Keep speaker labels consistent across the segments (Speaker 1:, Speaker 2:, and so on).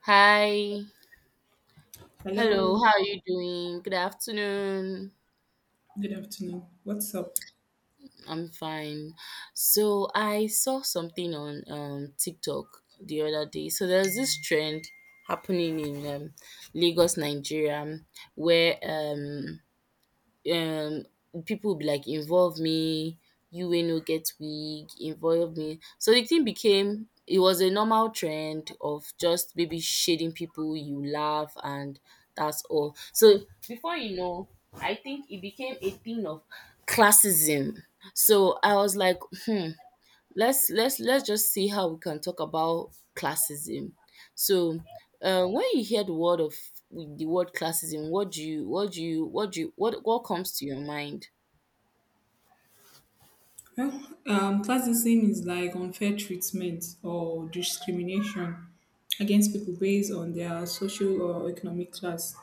Speaker 1: Hi. Hello.
Speaker 2: Hello,
Speaker 1: How are you doing? Good afternoon.
Speaker 2: good afternoon. What's up?
Speaker 1: I'm fine. So I saw something on TikTok the other day. So there's this trend happening in Lagos, Nigeria, where um people will be like involve me you wey no get wig involve me so the thing became it was a normal trend of just maybe shading people you laugh and that's all. So before you know, I think it became a thing of classism. So I was like, hmm, let's just see how we can talk about classism. So, when you hear the word classism, what do you what do you what do you what comes to your mind?
Speaker 2: Well, classism is like unfair treatment or discrimination against people based on their social or economic class.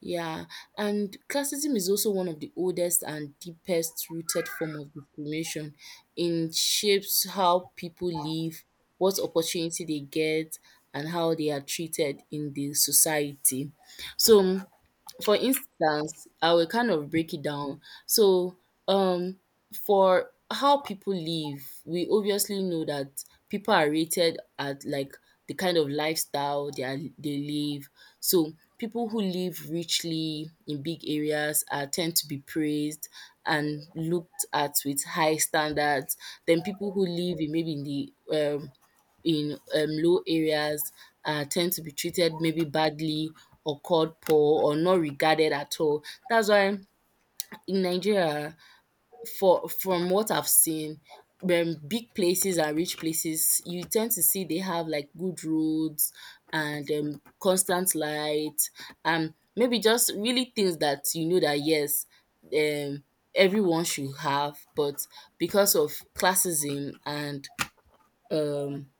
Speaker 1: Yeah, and classism is also one of the oldest and deepest rooted form of discrimination. It shapes how people live, what opportunity they get, and how they are treated in the society. So for instance, I will kind of break it down. So, um, for how people live, we obviously know that people are rated at like the kind of lifestyle they live. So, people who live richly in big areas are tend to be praised and looked at with high standards. Then people who live in maybe um in low areas tend to be treated maybe badly or called poor or not regarded at all. That's why in Nigeria, for from what I've seen, when big places and rich places, you tend to see they have like good roads and constant light and maybe just really things that you know that yes, um, everyone should have, but because of classism and um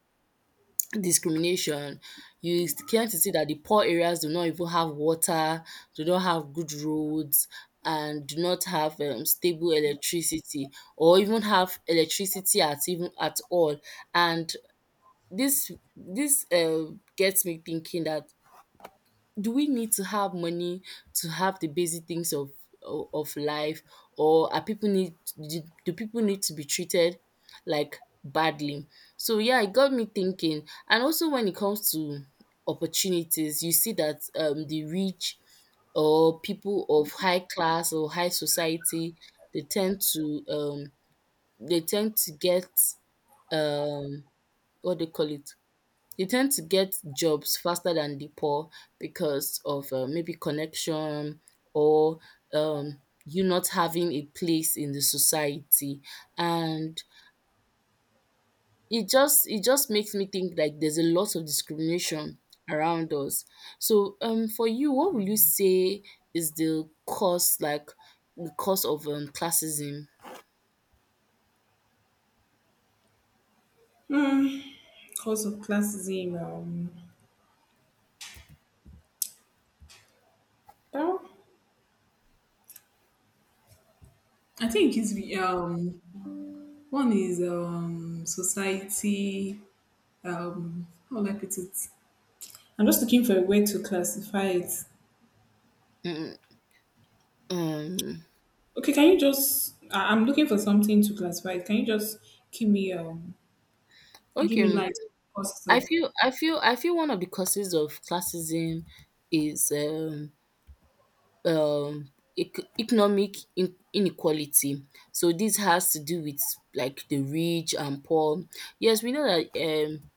Speaker 1: discrimination. You came to see that the poor areas do not even have water, do not have good roads, and do not have stable electricity, or even have electricity at all. And this gets me thinking that do we need to have money to have the basic things of of life, or are people need, do people need to be treated like badly? So yeah, it got me thinking. And also when it comes to opportunities, you see that the rich or people of high class or high society, they tend to um they tend to get um what they call it they tend to get jobs faster than the poor because of, maybe connection or, you not having a place in the society, and it just makes me think like there's a lot of discrimination around us. So, for you, what will you say is the cause, like, the cause of, classism?
Speaker 2: Hmm, cause of classism, well, I think it's one is society. How will I put it? I'm just looking for a way to classify it.
Speaker 1: Mm, um,
Speaker 2: Okay, can you just? I'm looking for something to classify it. Can you just give me give me
Speaker 1: okay.
Speaker 2: light cost
Speaker 1: I
Speaker 2: of.
Speaker 1: feel I feel I feel one of the causes of classism is, um economic inequality. So this has to do with like the rich and poor. Yes, we know that um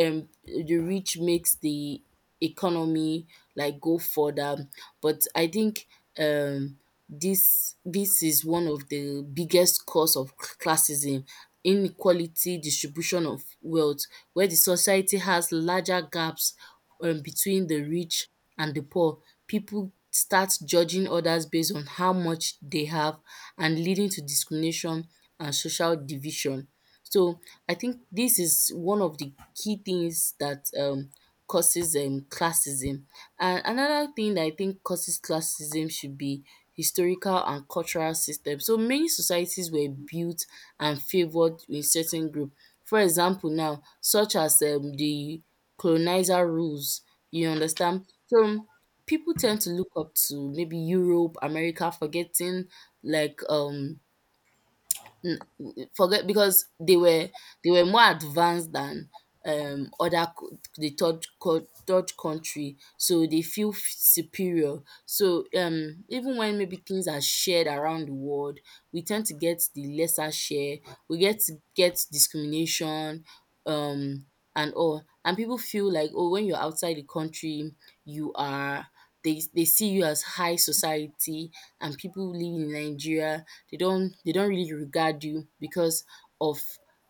Speaker 1: um the rich makes the economy like go further, but I think um this this is one of the biggest cause of classism, inequality distribution of wealth where the society has larger gaps between the rich and the poor. People start judging others based on how much they have, and leading to discrimination and social division. So I think this is one of the key things that causes classism. And another thing that I think causes classism should be historical and cultural system. So many societies were built and favored in certain group. For example now, such as the colonizer rules, you understand? So people tend to look up to maybe Europe, America, forgetting like N- forget because they were, more advanced than other co- the third co- third country, so they feel superior. So even when maybe things are shared around the world, we tend to get the lesser share, we get to get discrimination, um and all. And people feel like, oh, when you're outside the country you are, they see you as high society, and people living in Nigeria, they don't really regard you because of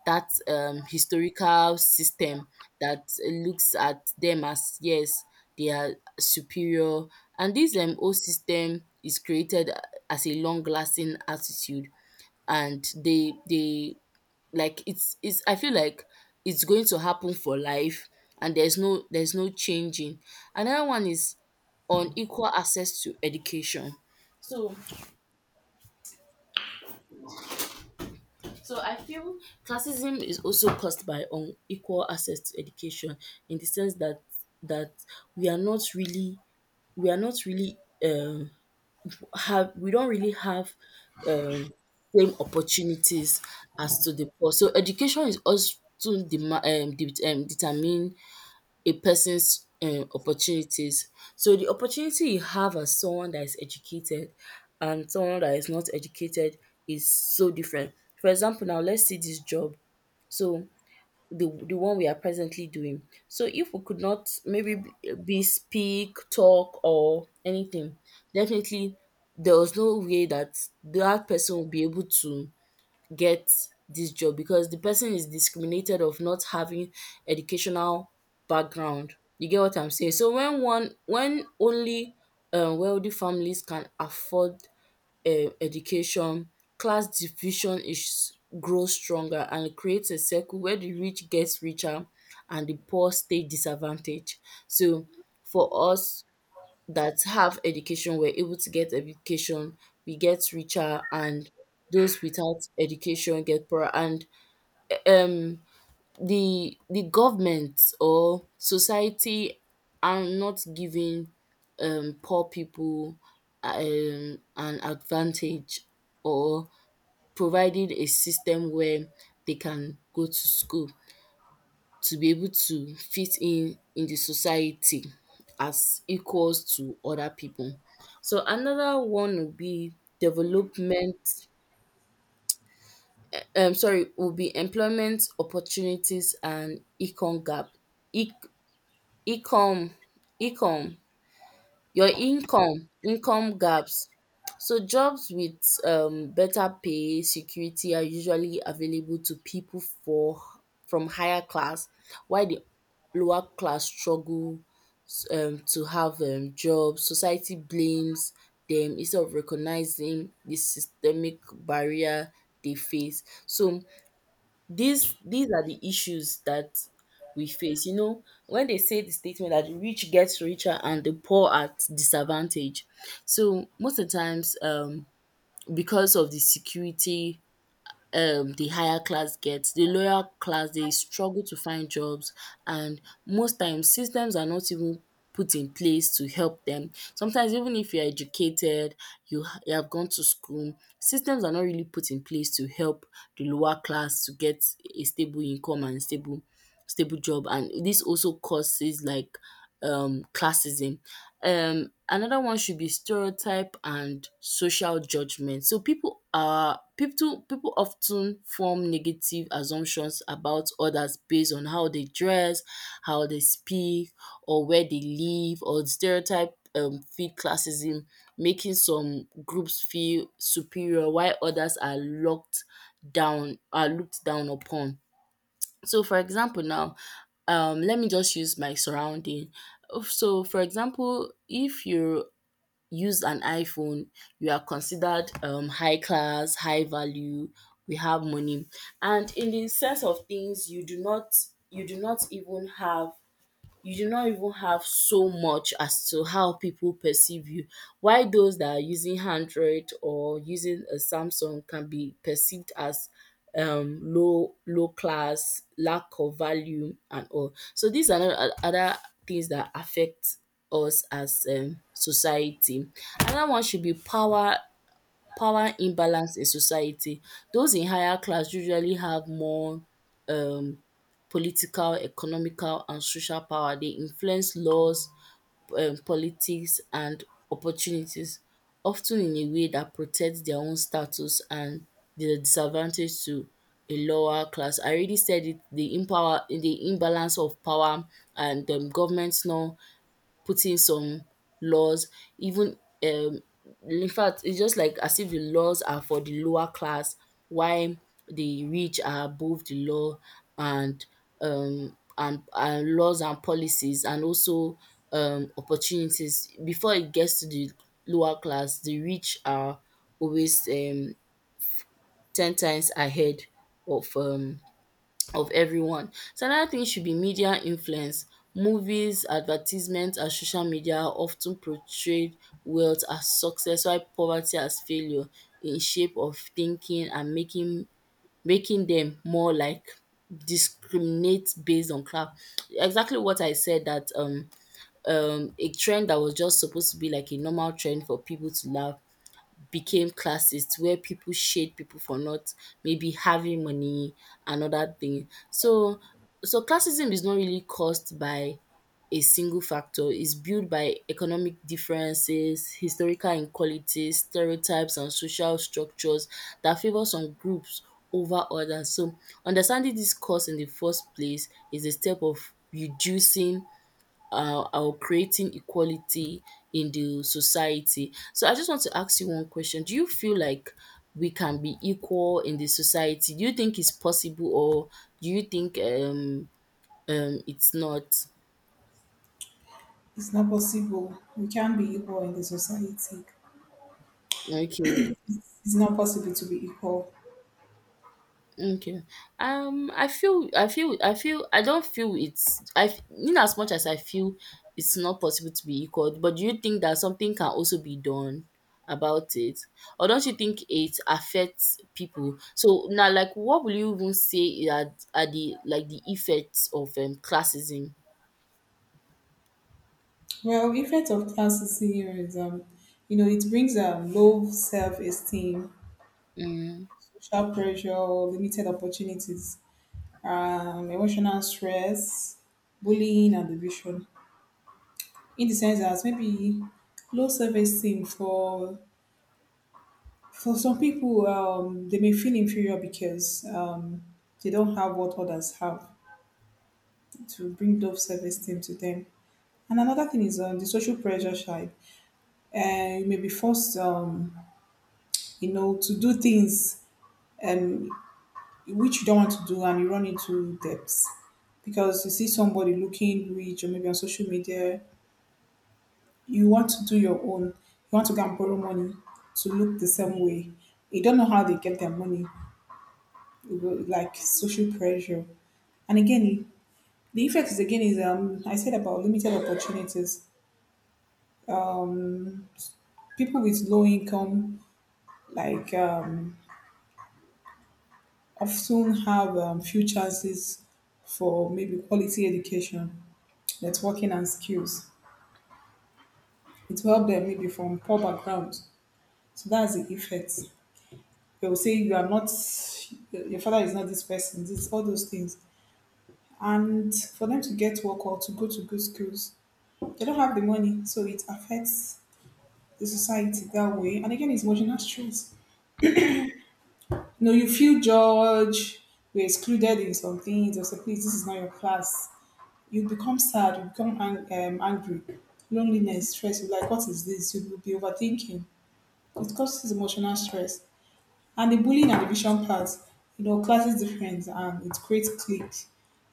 Speaker 1: that historical system that looks at them as yes, they are superior. And this whole system is created as a long lasting attitude, and they like it's, I feel like it's going to happen for life and there's no changing. Another one is unequal access to education. So, so I feel classism is also caused by unequal access to education, in the sense that we are not really, we are not really um have we don't really have um same opportunities as to the poor. So education is also determine a person's opportunities. So the opportunity you have as someone that is educated and someone that is not educated is so different. For example, now let's see this job. So the one we are presently doing. So if we could not maybe be speak, talk or anything, definitely there was no way that that person will be able to get this job, because the person is discriminated of not having educational background. You get what I'm saying? So when only wealthy families can afford education, class division is, grows stronger, and it creates a circle where the rich gets richer and the poor stay disadvantaged. So for us that have education, we're able to get education, we get richer, and those without education get poorer. And um the government or society are not giving poor people an advantage, or providing a system where they can go to school to be able to fit in the society as equals to other people. So another one would be development, sorry, would be employment opportunities and econ gap. Income, income, your income, income gaps. So jobs with better pay, security are usually available to people for from higher class, while the lower class struggle to have jobs. Society blames dem instead of recognizing the systemic barrier they face. So these are the issues that we face. You know, when they say the statement that the rich gets richer and the poor at disadvantage. So most of the times, because of the security the higher class gets. The lower class, they struggle to find jobs, and most times systems are not even put in place to help them. Sometimes even if you're educated, you have gone to school, systems are not really put in place to help the lower class to get a stable income and stable job. And this also causes like classism. Another one should be stereotype and social judgment. So people are people people often form negative assumptions about others based on how they dress, how they speak, or where they live, or stereotype feed classism, making some groups feel superior while others are locked down are looked down upon. So for example now, let me just use my surrounding. So for example, if you use an iPhone, you are considered high class, high value, we have money. And in the sense of things, you do not even have you do not even have so much as to how people perceive you. Why those that are using Android or using a Samsung can be perceived as low class, lack of value and all. So these are not other things that affect us as society. Another one should be power imbalance in society. Those in higher class usually have more um political, economical and social power. They influence laws, politics and opportunities, often in a way that protects their own status and the disadvantage to a lower class. I already said it, the imbalance of power, and government not put in some laws even, um in fact it's just like as if the laws are for the lower class while the rich are above the law. And laws and policies and also opportunities, before it gets to the lower class, the rich are always ten times ahead of um of everyone. So another thing should be media influence. Movies, advertisements, and social media are often portrayed wealth as success while poverty as failure, in shape of thinking and making them more like discriminate based on class. Exactly what I said that a trend that was just supposed to be like a normal trend for people to laugh became classist, where people shade people for not maybe having money and other thing. So so classism is not really caused by a single factor. It's built by economic differences, historical inequalities, stereotypes, and social structures that favor some groups over others. So, understanding this cause in the first place is a step of reducing or creating equality in the society. So I just want to ask you one question. Do you feel like we can be equal in the society? Do you think it's possible or do you think it's not?
Speaker 2: It's not possible. We can't be equal in the society.
Speaker 1: Okay,
Speaker 2: It's not possible to be equal.
Speaker 1: Okay. I feel, I feel, I feel, I don't feel it's, I, f- in as much as I feel it's not possible to be equal, but do you think that something can also be done about it? Or don't you think it affects people? So now, like, what will you even say are the effects of classism?
Speaker 2: Well, effect of classism, you know, it brings low self-esteem,
Speaker 1: Mm,
Speaker 2: social pressure, limited opportunities, emotional stress, bullying, and division. In the sense that maybe low self-esteem for some people, they may feel inferior because they don't have what others have to bring those service team to them. And another thing is on the social pressure side. You may be forced, you know, to do things, um, which you don't want to do, and you run into debts because you see somebody looking rich or maybe on social media. You want to do your own. You want to go and borrow money to look the same way. You don't know how they get their money. Like, social pressure. And again, the effect is again is, I said about limited opportunities. Um, People with low income, like, often have, few chances for maybe quality education, networking and skills. It will help them maybe from poor background. So that's the effect. They will say you are not, your father is not this person, this, all those things. And for them to get work or to go to good schools, they don't have the money, so it affects the society that way. And again, it's marginal stress. No, you feel judged, you're excluded in some things, or say, please, this is not your class. You become sad, you become angry, loneliness, stress. You're like, what is this? You will be overthinking. It causes emotional stress. And the bullying and division part, you know, class is different and it creates clique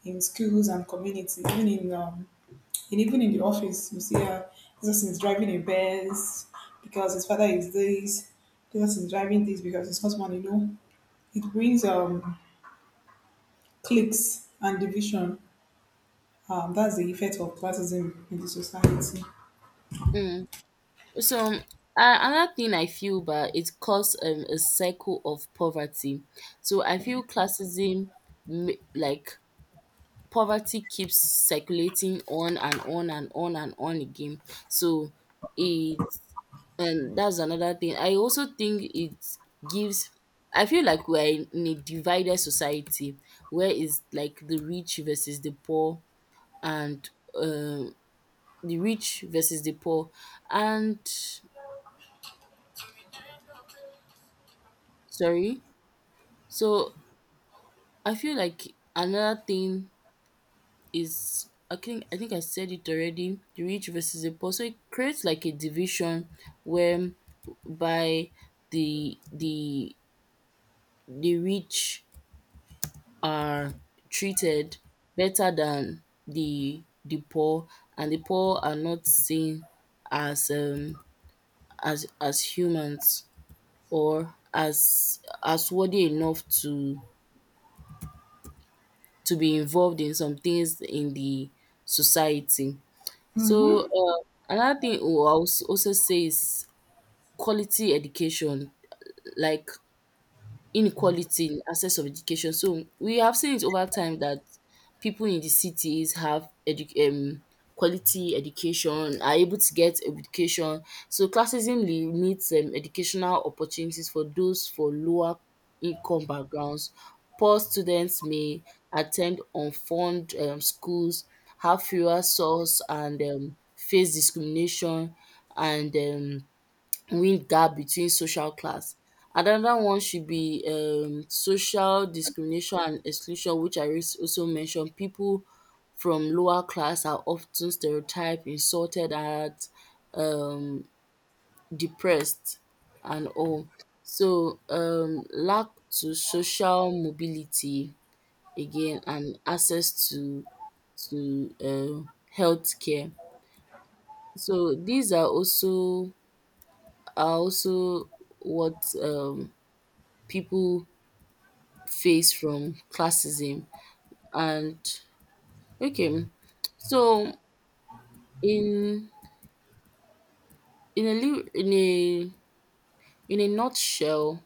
Speaker 2: in schools and community, even in, and even in the office. You see, this person is driving a Benz because his father is this. This person is driving this because his husband. You know, it brings cliques and division. That's the effect of classism in the society.
Speaker 1: mm. So another thing I feel but it causes a cycle of poverty. So I feel classism ma- like poverty keeps circulating on and on and on and on again. So it and that's another thing. I also think it gives I feel like we're in a divided society where is like the rich versus the poor and um the rich versus the poor, and sorry. So I feel like another thing is I think I said it already, the rich versus the poor. So it creates like a division where by the the the rich are treated better than the poor, and the poor are not seen as humans, or as worthy enough to be involved in some things in the society. So another thing I will also say is quality education. Like inequality in access of education. So we have seen it over time that people in the cities have quality education, are able to get education. So classism limits educational opportunities for those for lower income backgrounds. Poor students may attend unfunded schools, have fewer source, and face discrimination, and real gap between social class. Another one should be social discrimination and exclusion, which I also mentioned. People from lower class are often stereotyped, insulted, and um depressed and all. So lack to social mobility again, and access to to um healthcare. So these are also what people face from classism. And okay, so in in a li- in a nutshell,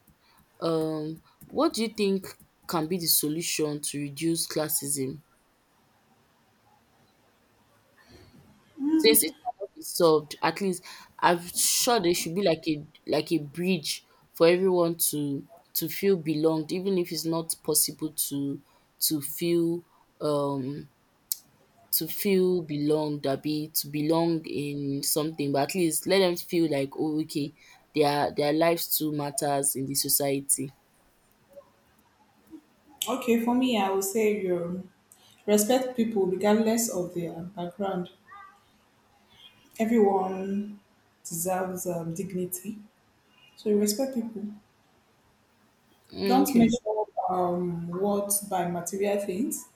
Speaker 1: um what do you think can be the solution to reduce classism, since it cannot be solved? At least I'm sure there should be like a bridge for everyone to feel belonged, even if it's not possible to to feel um feel belonged, to belong in something, but at least let them feel like, oh, okay, their lives too matters in the society.
Speaker 2: Okay, for me, I would say, respect people regardless of their background. Everyone deserves, dignity, so you respect people.
Speaker 1: Mm,
Speaker 2: Don't
Speaker 1: okay.
Speaker 2: measure, worth by material things.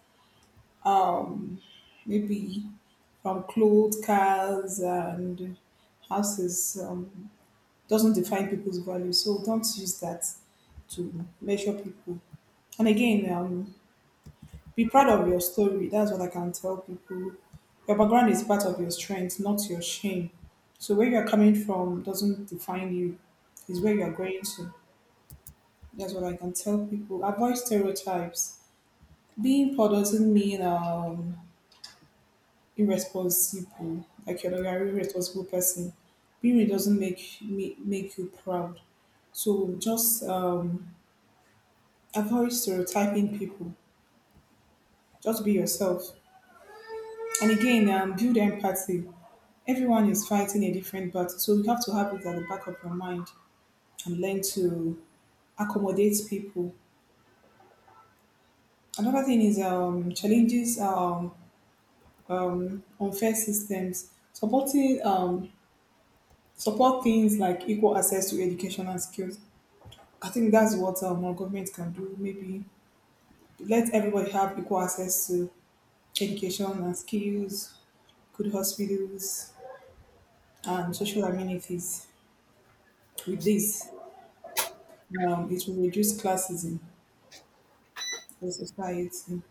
Speaker 2: Um, Maybe from clothes, cars, and houses, doesn't define people's value. So don't use that to measure people. And again, be proud of your story. That's what I can tell people. Your background is part of your strength, not your shame. So where you're coming from doesn't define you. It's where you're going to. That's what I can tell people. Avoid stereotypes. Being poor doesn't mean, irresponsible. Like, you're not an irresponsible person. Being rich doesn't make me make you proud. So just, avoid stereotyping people. Just be yourself. And again, build empathy. Everyone is fighting a different battle, so you have to have it at the back of your mind and learn to accommodate people. Another thing is, challenges, unfair systems. Supporting, support things like equal access to education and skills. I think that's what, our government can do. Maybe let everybody have equal access to education and skills, good hospitals, and social amenities. With this, it will reduce classism the society.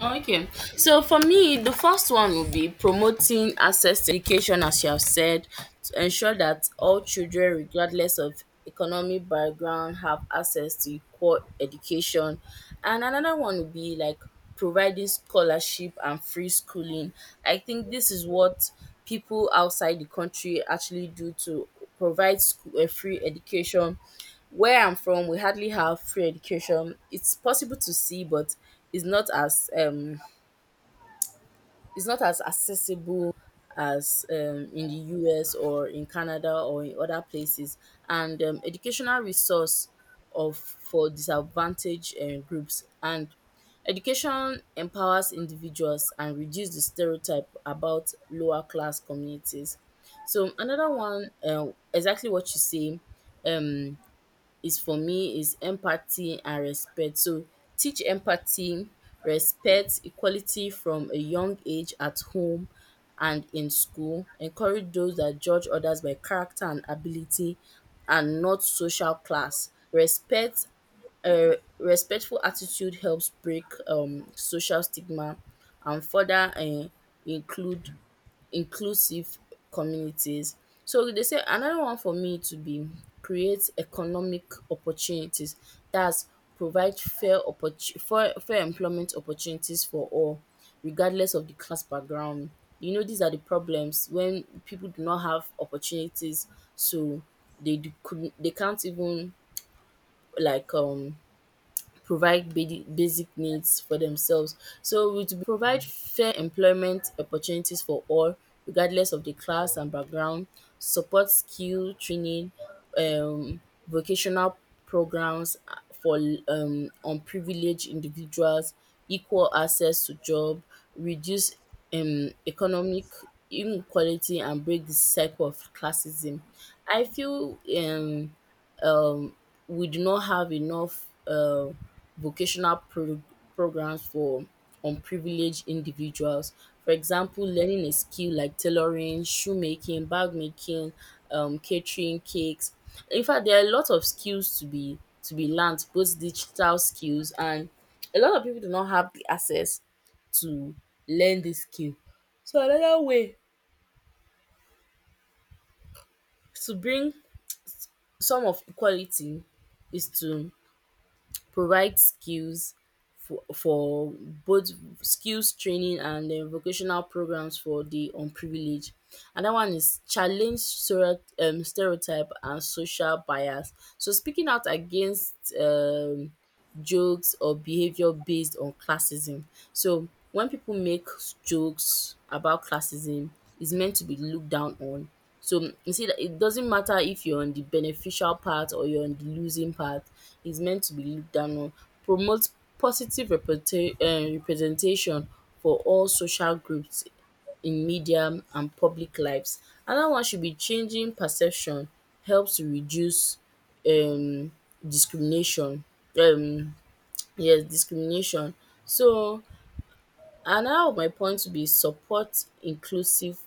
Speaker 1: Okay. So for me, the first one would be promoting access to education, as you have said, to ensure that all children, regardless of economic background, have access to equal education. And another one would be like providing scholarship and free schooling. I think this is what people outside the country actually do to provide free education. Where I'm from, we hardly have free education. It's possible to see, but is not as um is not as accessible as in the US or in Canada or in other places, and educational resource of for disadvantaged groups, and education empowers individuals and reduce the stereotype about lower class communities. So another one, exactly what you say, um is, for me, is empathy and respect. So teach empathy, respect, equality from a young age at home and in school. Encourage those that judge others by character and ability, and not social class. Respect respectful attitude helps break social stigma and further include inclusive communities. So they say another one for me to be create economic opportunities dats provide fair fair employment opportunities for all, regardless of the class background. You know, these are the problems when people do not have opportunities, so they do could they can't even like provide basic needs for themselves. So we to provide fair employment opportunities for all, regardless of the class and background, support skill training, um, vocational programs for unprivileged individuals, equal access to job, reduce economic inequality, and break the cycle of classism. I feel um, we do not have enough vocational pro- programs for unprivileged individuals. For example, learning a skill like tailoring, shoemaking, bag making, catering, cakes. In fact, there are a lot of skills to be learned, both digital skills, and a lot of people do not have the access to learn this skill. So another way to bring some of equality is to provide skills for, both skills training and vocational programs for the unprivileged. Another one is challenge stereotype and social bias. So speaking out against jokes or behavior based on classism. So when people make jokes about classism, it's meant to be looked down on. So you see that it doesn't matter if you're on the beneficial part or you're on the losing part, it's meant to be looked down on. Promote positive representation for all social groups in media and public lives. Another one should be changing perception helps to reduce um discrimination um Yes, discrimination. So another of my points would be support inclusive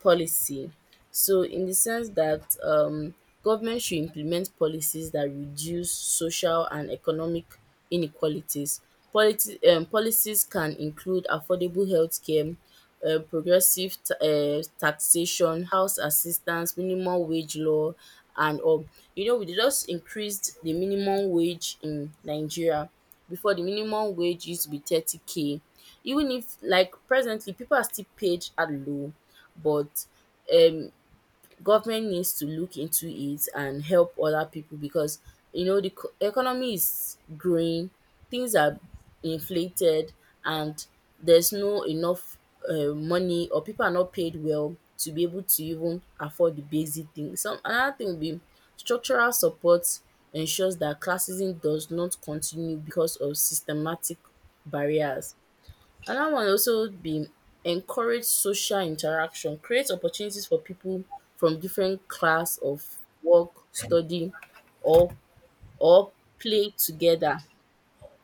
Speaker 1: policy. So in the sense that government should implement policies that reduce social and economic inequalities. Policies can include affordable healthcare, progressive taxation, house assistance, minimum wage law, and all. You know, we just increased the minimum wage in Nigeria. Before, the minimum wage used to be 30K. Even if, like, presently, people are still paid at low, but um government needs to look into it and help other people. Because, you know, the economy is growing, things are inflated, and there's no enough money, or people are not paid well to be able to even afford the basic things. Some another thing would be structural support ensures that classism does not continue because of systematic barriers. Another one also be encourage social interaction, create opportunities for people from different class of work, study, or or play together.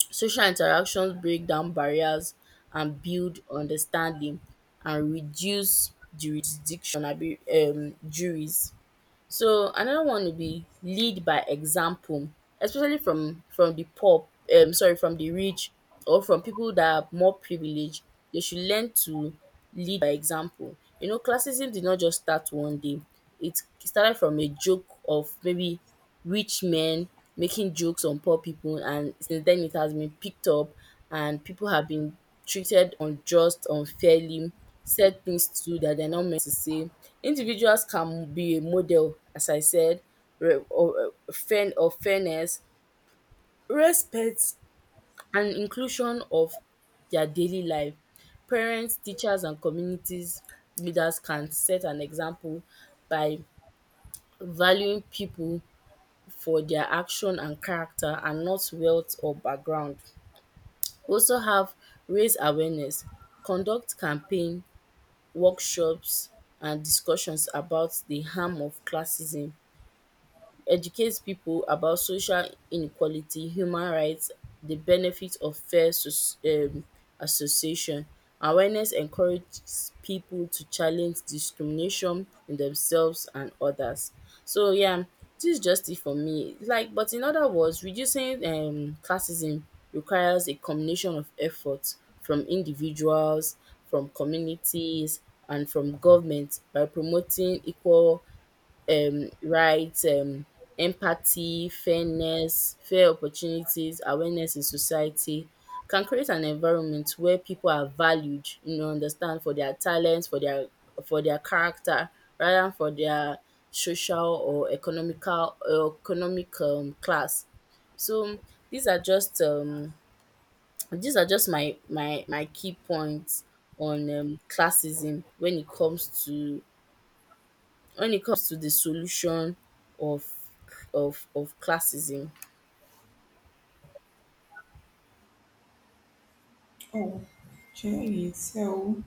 Speaker 1: Social interactions break down barriers and build understanding and reduce jurisdiction abi juries. So another one would be lead by example, especially from the poor, sorry, from the rich, or from people that are more privileged. They should learn to lead by example. You know, classism did not just start one day. It started from a joke of maybe rich men making jokes on poor people, and since then it has been picked up, and people have been treated unjust unfairly, said things too that they're not meant to say. Individuals can be a model, as I said, re- or fair of fairness, respect, and inclusion of their daily life. Parents, teachers, and communities leaders can set an example by valuing people for dia action and character, and not wealth or background. We also have raise awareness, conduct campaign, workshops, and discussions about di harm of classism, educates people about social inequality, human rights, the benefits of fair association. Awareness encourages people to challenge discrimination in themselves and others. So yeah, this is just it for me. Like, but in other words, reducing classism requires a combination of efforts from individuals, from communities, and from government. By promoting equal rights, empathy, fairness, fair opportunities, awareness in society, can create an environment where people are valued, you know, understand for their talents, for their character, rather than for their social or economic class. So these are just my key points on classism, when it comes to the solution of classism.
Speaker 2: Oh, okay. So,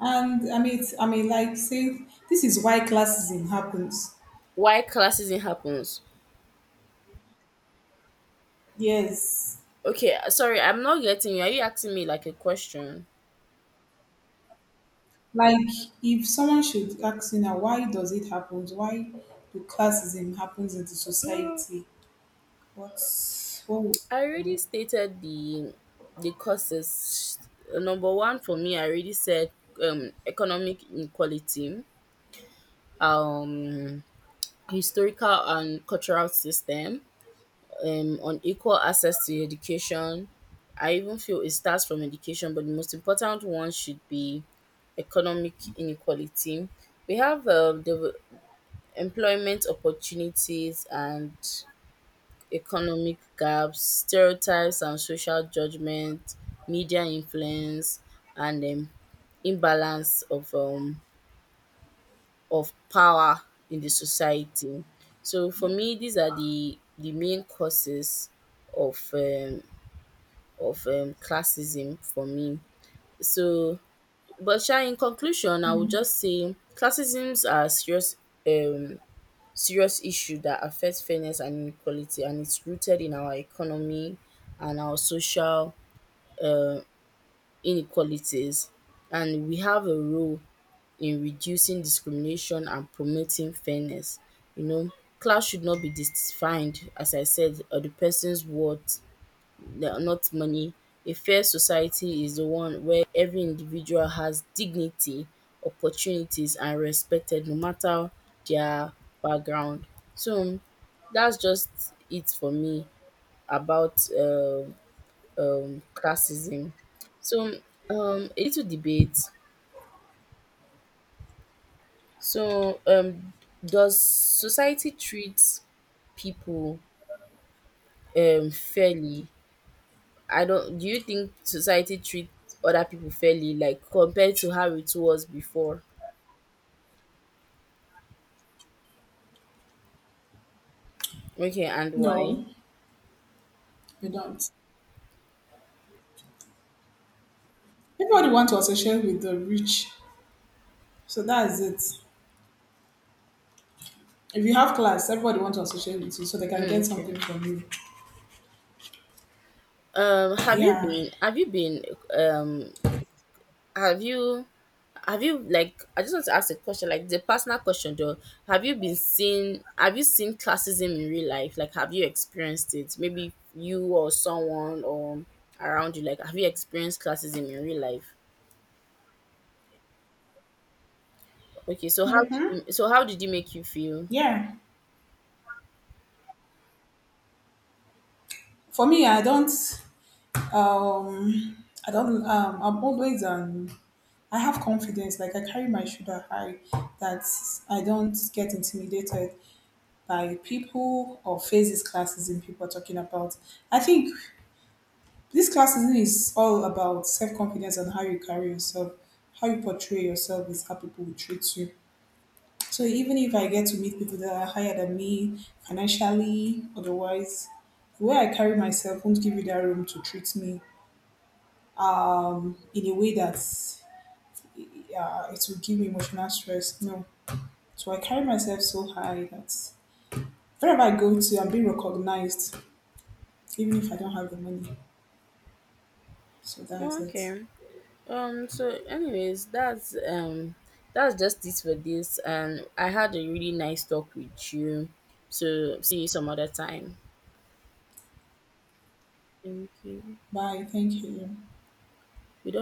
Speaker 2: and like, say, this is why classism happens.
Speaker 1: Why classism happens?
Speaker 2: Yes.
Speaker 1: Okay, sorry, I'm not getting you. Are you asking me like a question?
Speaker 2: Like, if someone should ask you now, why does it happen? Why do classism happens in the
Speaker 1: Mm,
Speaker 2: society? What's what? Would
Speaker 1: I
Speaker 2: you
Speaker 1: already
Speaker 2: do?
Speaker 1: stated the causes. Number one for me, I already said, economic inequality, um historical and cultural system, on equal access to education. I even feel it starts from education, but the most important one should be economic inequality. We have, the employment opportunities and economic gaps, stereotypes and social judgment, media influence, and imbalance of power in the society. So for me, these are the main causes of classism for me. So, but sha, in conclusion, I would just say classisms are serious, um, serious issue that affects fairness and inequality, and it's rooted in our economy and our social uh, inequalities. And we have a role in reducing discrimination and promoting fairness. You know, class should not be defined, as I said, or the person's worth, the not money. A fair society is the one where every individual has dignity, opportunities, and respected, no matter their background. So that's just it for me about classism. So a little debate. So does society treat people fairly? I don't. Do you think society treats other people fairly, like compared to how it was before? Okay, and why?
Speaker 2: No, you don't. Everybody wants to associate with the rich, so that is it. If you have class, everybody wants to associate with you, so they can
Speaker 1: Mm,
Speaker 2: get something
Speaker 1: okay.
Speaker 2: from you.
Speaker 1: Um, have you
Speaker 2: Yeah,
Speaker 1: been? Have you been? Um, have you? Have you? I just want to ask a question, like the personal question, though. Have you been seen? Have you seen classism in real life? Like, have you experienced it? Maybe you or someone or around you. Like, have you experienced classism in real life? Okay, so how did it make you feel?
Speaker 2: yeah. For me, I don't. I don't. I'm always. I have confidence. Like, I carry my shoulder high. That I don't get intimidated by people or face classism people are talking about. I think this classism is all about self confidence and how you carry yourself, how you portray yourself is how people will treat you. So even if I get to meet people that are higher than me financially, otherwise, the way I carry myself won't give you that room to treat me, in a way that's, yeah, it will give me emotional stress. No. So I carry myself so high that wherever I go to, I'm being recognized, even if I don't have the money. So that's it.
Speaker 1: Okay. So anyways, that's just it for this, and I had a really nice talk with you. So see you some other time. Thank you.
Speaker 2: Bye. Thank you.
Speaker 1: We don't